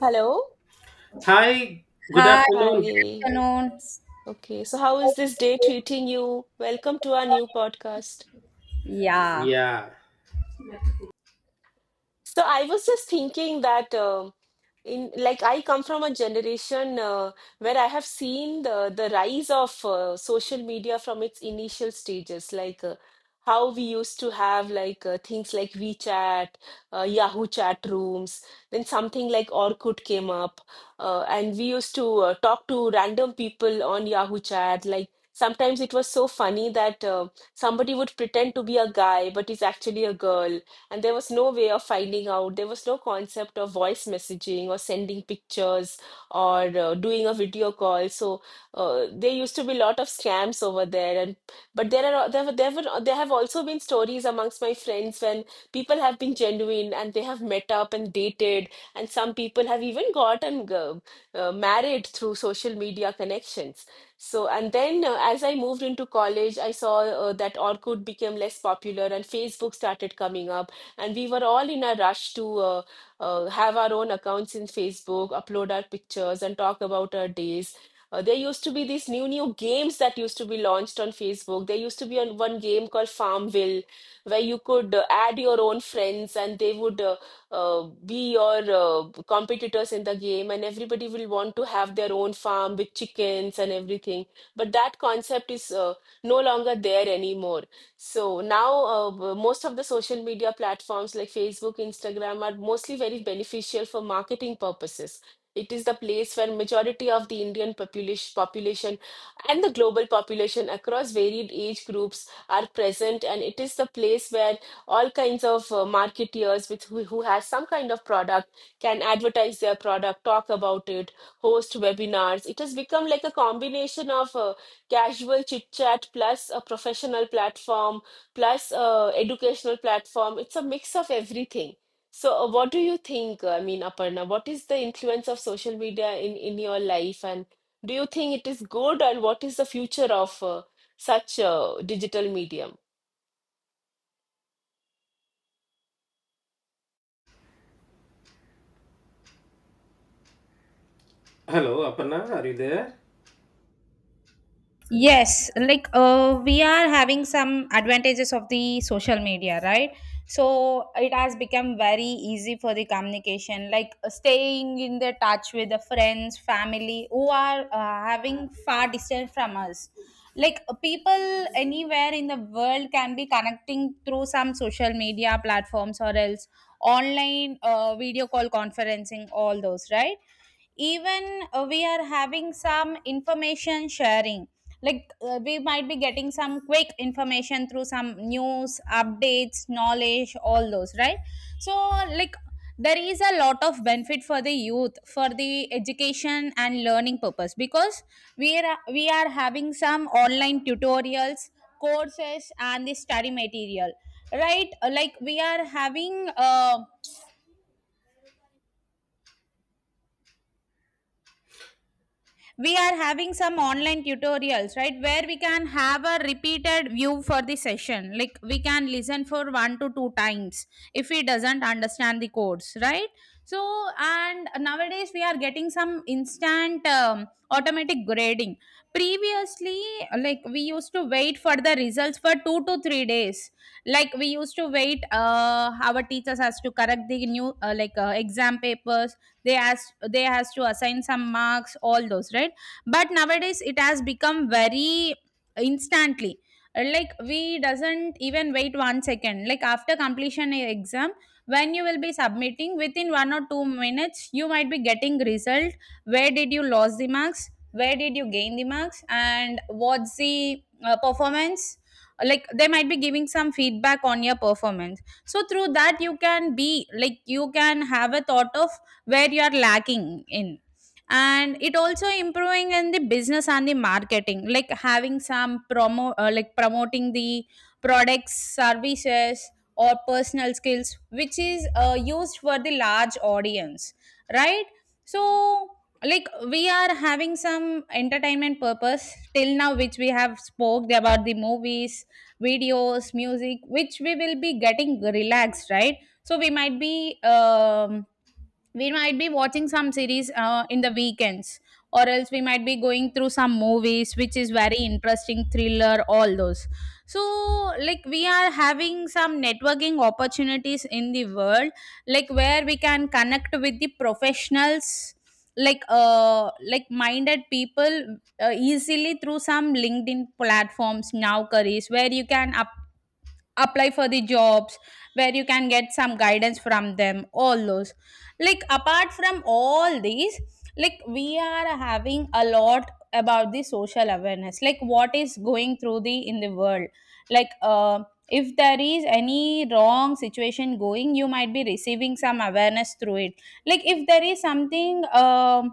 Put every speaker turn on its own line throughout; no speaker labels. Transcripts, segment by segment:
Hello.
Hi, good
Hi,
afternoon.
Hi.
afternoon.
S- Okay, so how is this day treating you? Welcome to our new podcast.
Yeah,
Yeah.
So I was just thinking that in like I come from a generation where I have seen the rise of social media from its initial stages, like how we used to have like things like WeChat, Yahoo chat rooms, then something like Orkut came up, and we used to talk to random people on Yahoo chat, like. Sometimes it was so funny that somebody would pretend to be a guy, but is actually a girl, and there was no way of finding out. There was no concept of voice messaging or sending pictures or doing a video call. So there used to be a lot of scams over there. And but there are there were, there were there have also been stories amongst my friends when people have been genuine and they have met up and dated, and some people have even gotten married through social media connections. So, and then as I moved into college, I saw that Orkut became less popular and Facebook started coming up, and we were all in a rush to have our own accounts in Facebook, upload our pictures, and talk about our days. There used to be these new games that used to be launched on Facebook. There used to be on one game called Farmville, where you could add your own friends, and they would uh, be your competitors in the game, and everybody will want to have their own farm with chickens and everything. But that concept is no longer there anymore. So now, most of the social media platforms like Facebook, Instagram are mostly very beneficial for marketing purposes. It is the place where majority of the Indian population and the global population across varied age groups are present, and it is the place where all kinds of marketeers who has some kind of product can advertise their product, talk about it, host webinars. It has become like a combination of casual chit chat plus a professional platform plus a educational platform. It's a mix of everything. So, what do you think? I mean, Aparna, what is the influence of social media in your life, and do you think it is good, and what is the future of such digital medium?
Hello, Aparna, are you there?
yes, like we are having some advantages of the social media, right? So it has become very easy for the communication, like staying in the touch with the friends, family who are having far distance from us. People anywhere in the world can be connecting through some social media platforms or else online video call conferencing, all those, right? Even we are having some information sharing, like we might be getting some quick information through some news updates, knowledge, all those, right? So, like, there is a lot of benefit for the youth for the education and learning purpose because we are having some online tutorials, courses and the study material, right? Like we are having some online tutorials, right, where we can have a repeated view for the session, like we can listen for one to two times if we doesn't understand the course, right? So and nowadays we are getting some instant automatic grading. Previously, like we used to wait for the results for 2 to 3 days, like we used to wait, our teachers has to correct the new like exam papers, they has to assign some marks, all those, right? But nowadays it has become very instantly. Like we doesn't even wait 1 second, like after completion a exam, when you will be submitting within 1 or 2 minutes you might be getting result, where did you lose the marks, where did you gain the marks, and what's the performance, like they might be giving some feedback on your performance. So through that you can be, like you can have a thought of where you are lacking in. And it also improving in the business and the marketing, like having some promo, like promoting the products, services or personal skills, which is used for the large audience, right? So, like, we are having some entertainment purpose till now, which we have spoke about the movies, videos, music, which we will be getting relaxed, right? So we might be watching some series in the weekends, or else we might be going through some movies which is very interesting, thriller, all those. So, like, we are having some networking opportunities in the world, like where we can connect with the professionals, like, uh, like minded people, easily through some LinkedIn platforms, now careers where you can apply for the jobs, where you can get some guidance from them, all those. Like apart from all these, like we are having a lot about the social awareness, like what is going through the in the world, like, if there is any wrong situation going, you might be receiving some awareness through it. Like if there is something,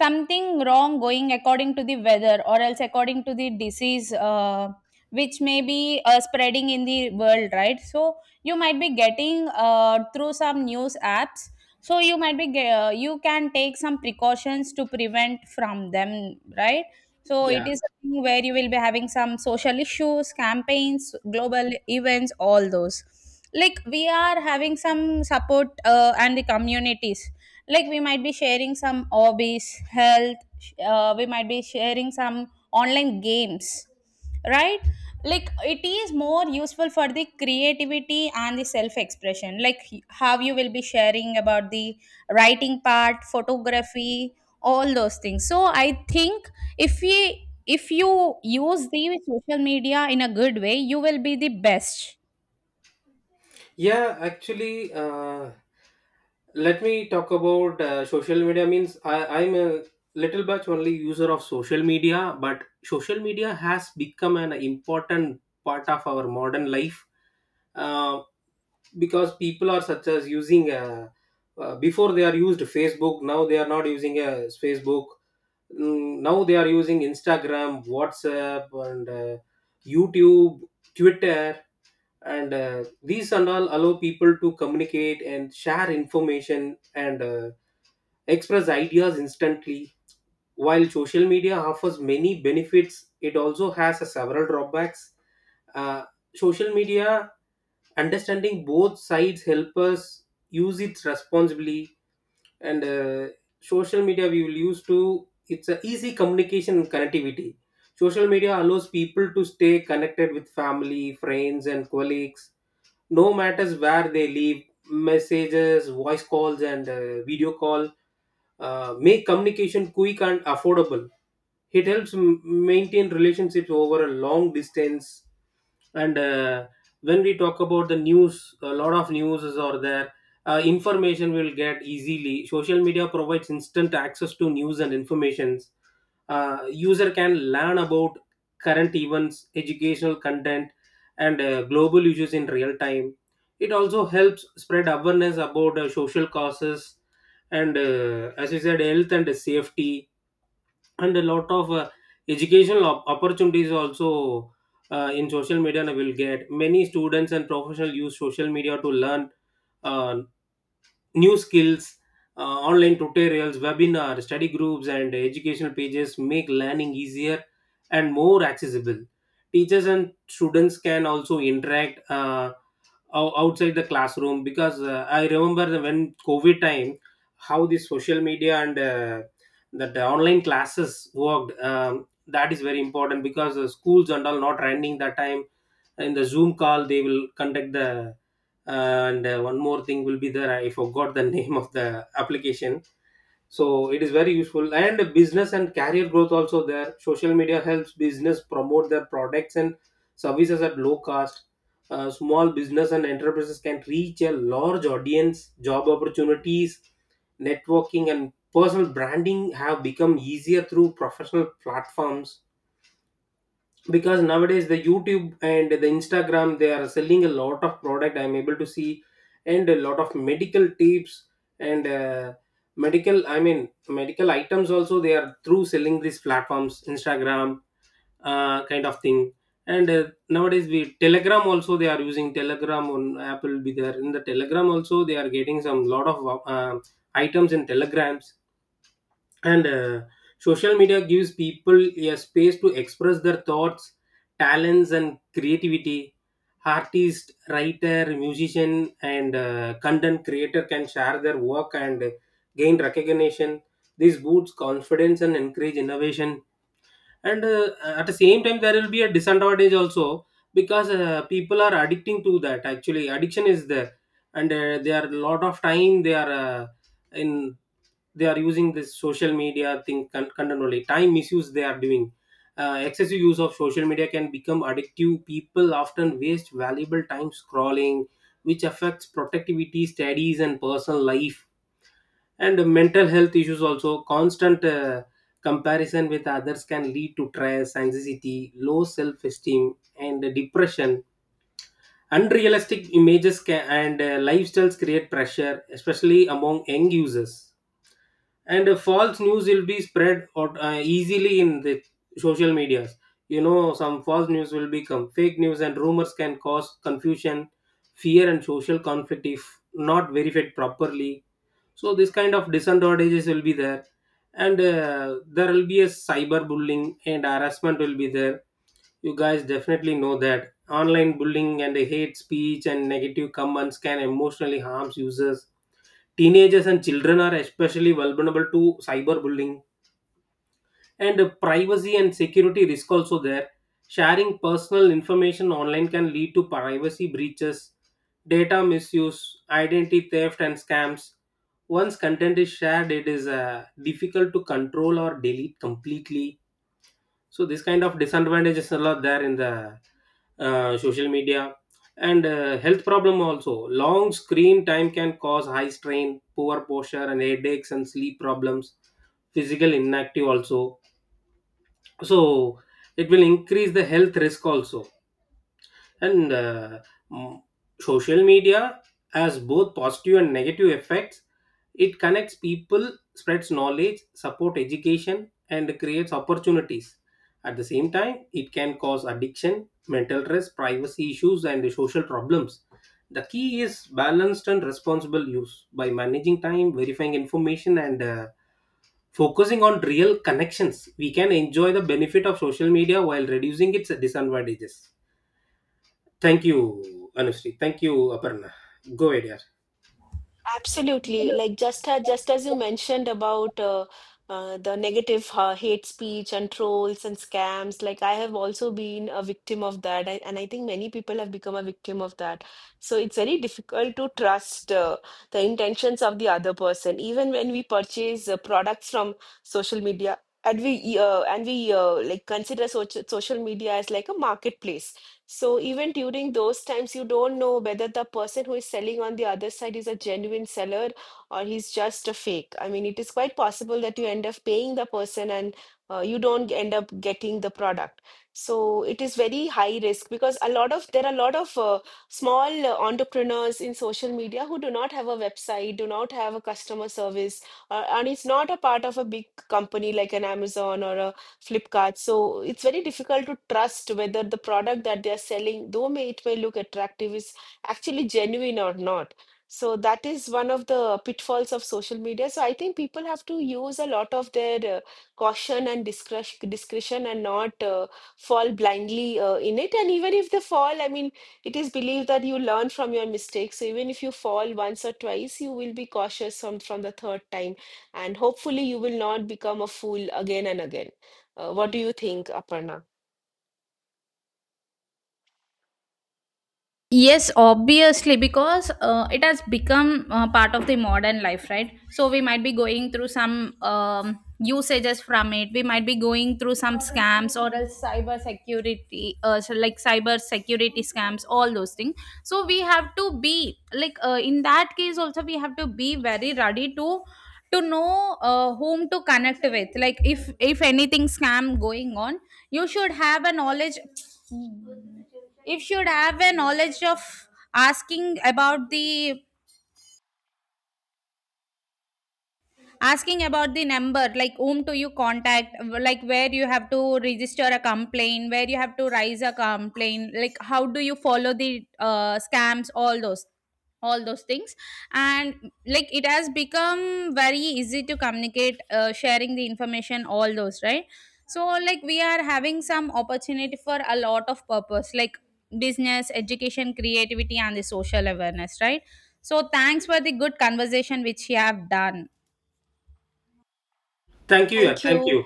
something wrong going according to the weather, or else according to the disease, which may be spreading in the world, right? So you might be getting through some news apps, so you might be you can take some precautions to prevent from them, right? So it
Yeah.
is a thing where you will be having some social issues, campaigns, global events, all those. Like we are having some support, and the communities, like we might be sharing some hobbies, health, we might be sharing some online games, right? Like it is more useful for the creativity and the self expression, like how you will be sharing about the writing part, photography, all those things. So I think if we if you use the social media in a good way, you will be the best.
Yeah, actually, let me talk about social media means I'm a little bit only user of social media, but social media has become an important part of our modern life uh, because people are such as using before they are used Facebook, now they are not using Facebook. Mm, now they are using Instagram, WhatsApp, and YouTube, Twitter, and these and all allow people to communicate and share information and express ideas instantly. While social media offers many benefits, it also has a several drawbacks. uh, Social media, understanding both sides help us use it responsibly. And Social media, we will use to it's a easy communication and connectivity. Social media allows people to stay connected with family, friends, and colleagues, no matters where they live. Messages, voice calls, and video call make communication quick and affordable. It helps maintain relationships over a long distance. And When we talk about the news, a lot of news is are there. Information will get easily. Social media provides instant access to news and informations. User can learn about current events, educational content, and global issues in real time. It also helps spread awareness about social causes, and as you said, health and safety, and a lot of educational opportunities also. In social media and will get many students and professionals use social media to learn uh, new skills. uh, Online tutorials, webinars, study groups, and educational pages make learning easier and more accessible. Teachers and students can also interact outside the classroom, because I remember when COVID time, how the social media and that the online classes worked. That is very important because the schools and all not running that time. In the Zoom call, they will conduct the and one more thing will be there. I forgot the name of the application. So it is very useful. And business and career growth also there. Social media helps business promote their products and services at low cost. Small business and enterprises can reach a large audience. Job opportunities, networking, and personal branding have become easier through professional platforms, because nowadays the YouTube and the Instagram, they are selling a lot of product, I'm able to see. And a lot of medical tips, and medical, I mean, medical items also, they are through selling these platforms, Instagram, kind of thing. And Nowadays we Telegram also, they are using Telegram on Apple. Be there in the Telegram also, they are getting some lot of items in telegrams. And Social media gives people a space to express their thoughts, talents, and creativity. Artist, writer, musician, and content creator can share their work and gain recognition. This boosts confidence and encourage innovation. And At the same time, there will be a disadvantage also, because people are addicting to that. Actually addiction is there. And they are a lot of time they are in they are using this social media thing continually. Time misuse they are doing. Excessive use of social media can become addictive. People often waste valuable time scrolling, which affects productivity, studies, and personal life. And mental health issues also. Constant comparison with others can lead to stress, anxiety, low self-esteem, and depression. Unrealistic images and lifestyles create pressure, especially among young users. And false news will be spread out, easily in the social medias. You know, some false news will become fake news, and rumors can cause confusion, fear, and social conflict if not verified properly. So this kind of disadvantages will be there. And there will be a cyberbullying and harassment will be there. You guys definitely know that online bullying and hate speech and negative comments can emotionally harm users. Teenagers and children are especially vulnerable to cyberbullying. And privacy and security risk also there. Sharing personal information online can lead to privacy breaches, data misuse, identity theft, and scams. Once content is shared, it is difficult to control or delete completely. So this kind of disadvantages are lot there in the social media. And health problem also. Long screen time can cause high strain, poor posture, and headaches, and sleep problems. Physical inactive also. So it will increase the health risk also. and uh, m- social media has both positive and negative effects. It connects people, spreads knowledge, support education, and creates opportunities. At the same time, it can cause addiction, mental stress, privacy issues, and social problems. The key is balanced and responsible use. By managing time, verifying information, and focusing on real connections, we can enjoy the benefit of social media while reducing its disadvantages. Thank you, Anushri. Thank you, Aparna. Go ahead, yeah.
Absolutely. Like just as you mentioned about the negative hate speech and trolls and scams, like I have also been a victim of that. And I think many people have become a victim of that. So it's very difficult to trust the intentions of the other person, even when we purchase products from social media. And we Like, consider social media as like a marketplace. So even during those times, you don't know whether the person who is selling on the other side is a genuine seller or he's just a fake. I mean, it is quite possible that you end up paying the person and you don't end up getting the product. So it is very high risk because a lot of there are a lot of small entrepreneurs in social media who do not have a website, do not have a customer service, and it's not a part of a big company like an Amazon or a Flipkart. So it's very difficult to trust whether the product that they are selling, though may it may look attractive, is actually genuine or not. So that is one of the pitfalls of social media. So I think people have to use a lot of their caution and discretion, and not fall blindly in it. And even if they fall, I mean, it is believed that you learn from your mistakes. So even if you fall once or twice, you will be cautious from the third time. And hopefully, you will not become a fool again and again. What do you think, Aparna?
Yes, obviously, because it has become part of the modern life, right? So we might be going through some usages from it. We might be going through some scams or else cyber security, so like cyber security scams, all those things. So we have to be like, in that case also we have to be very ready to know whom to connect with. Like if anything scam going on, you should have a knowledge, if should have a knowledge of asking about the asking about the number, like whom do you contact, like where you have to register a complaint, where you have to raise a complaint, like how do you follow the scams, all those things. And, like, it has become very easy to communicate, sharing the information, all those, right? So like we are having some opportunity for a lot of purpose, like business, education, creativity and the social awareness, right? So thanks for the good conversation which you have done.
Thank you, yeah.
Thank
Thank
you.
you.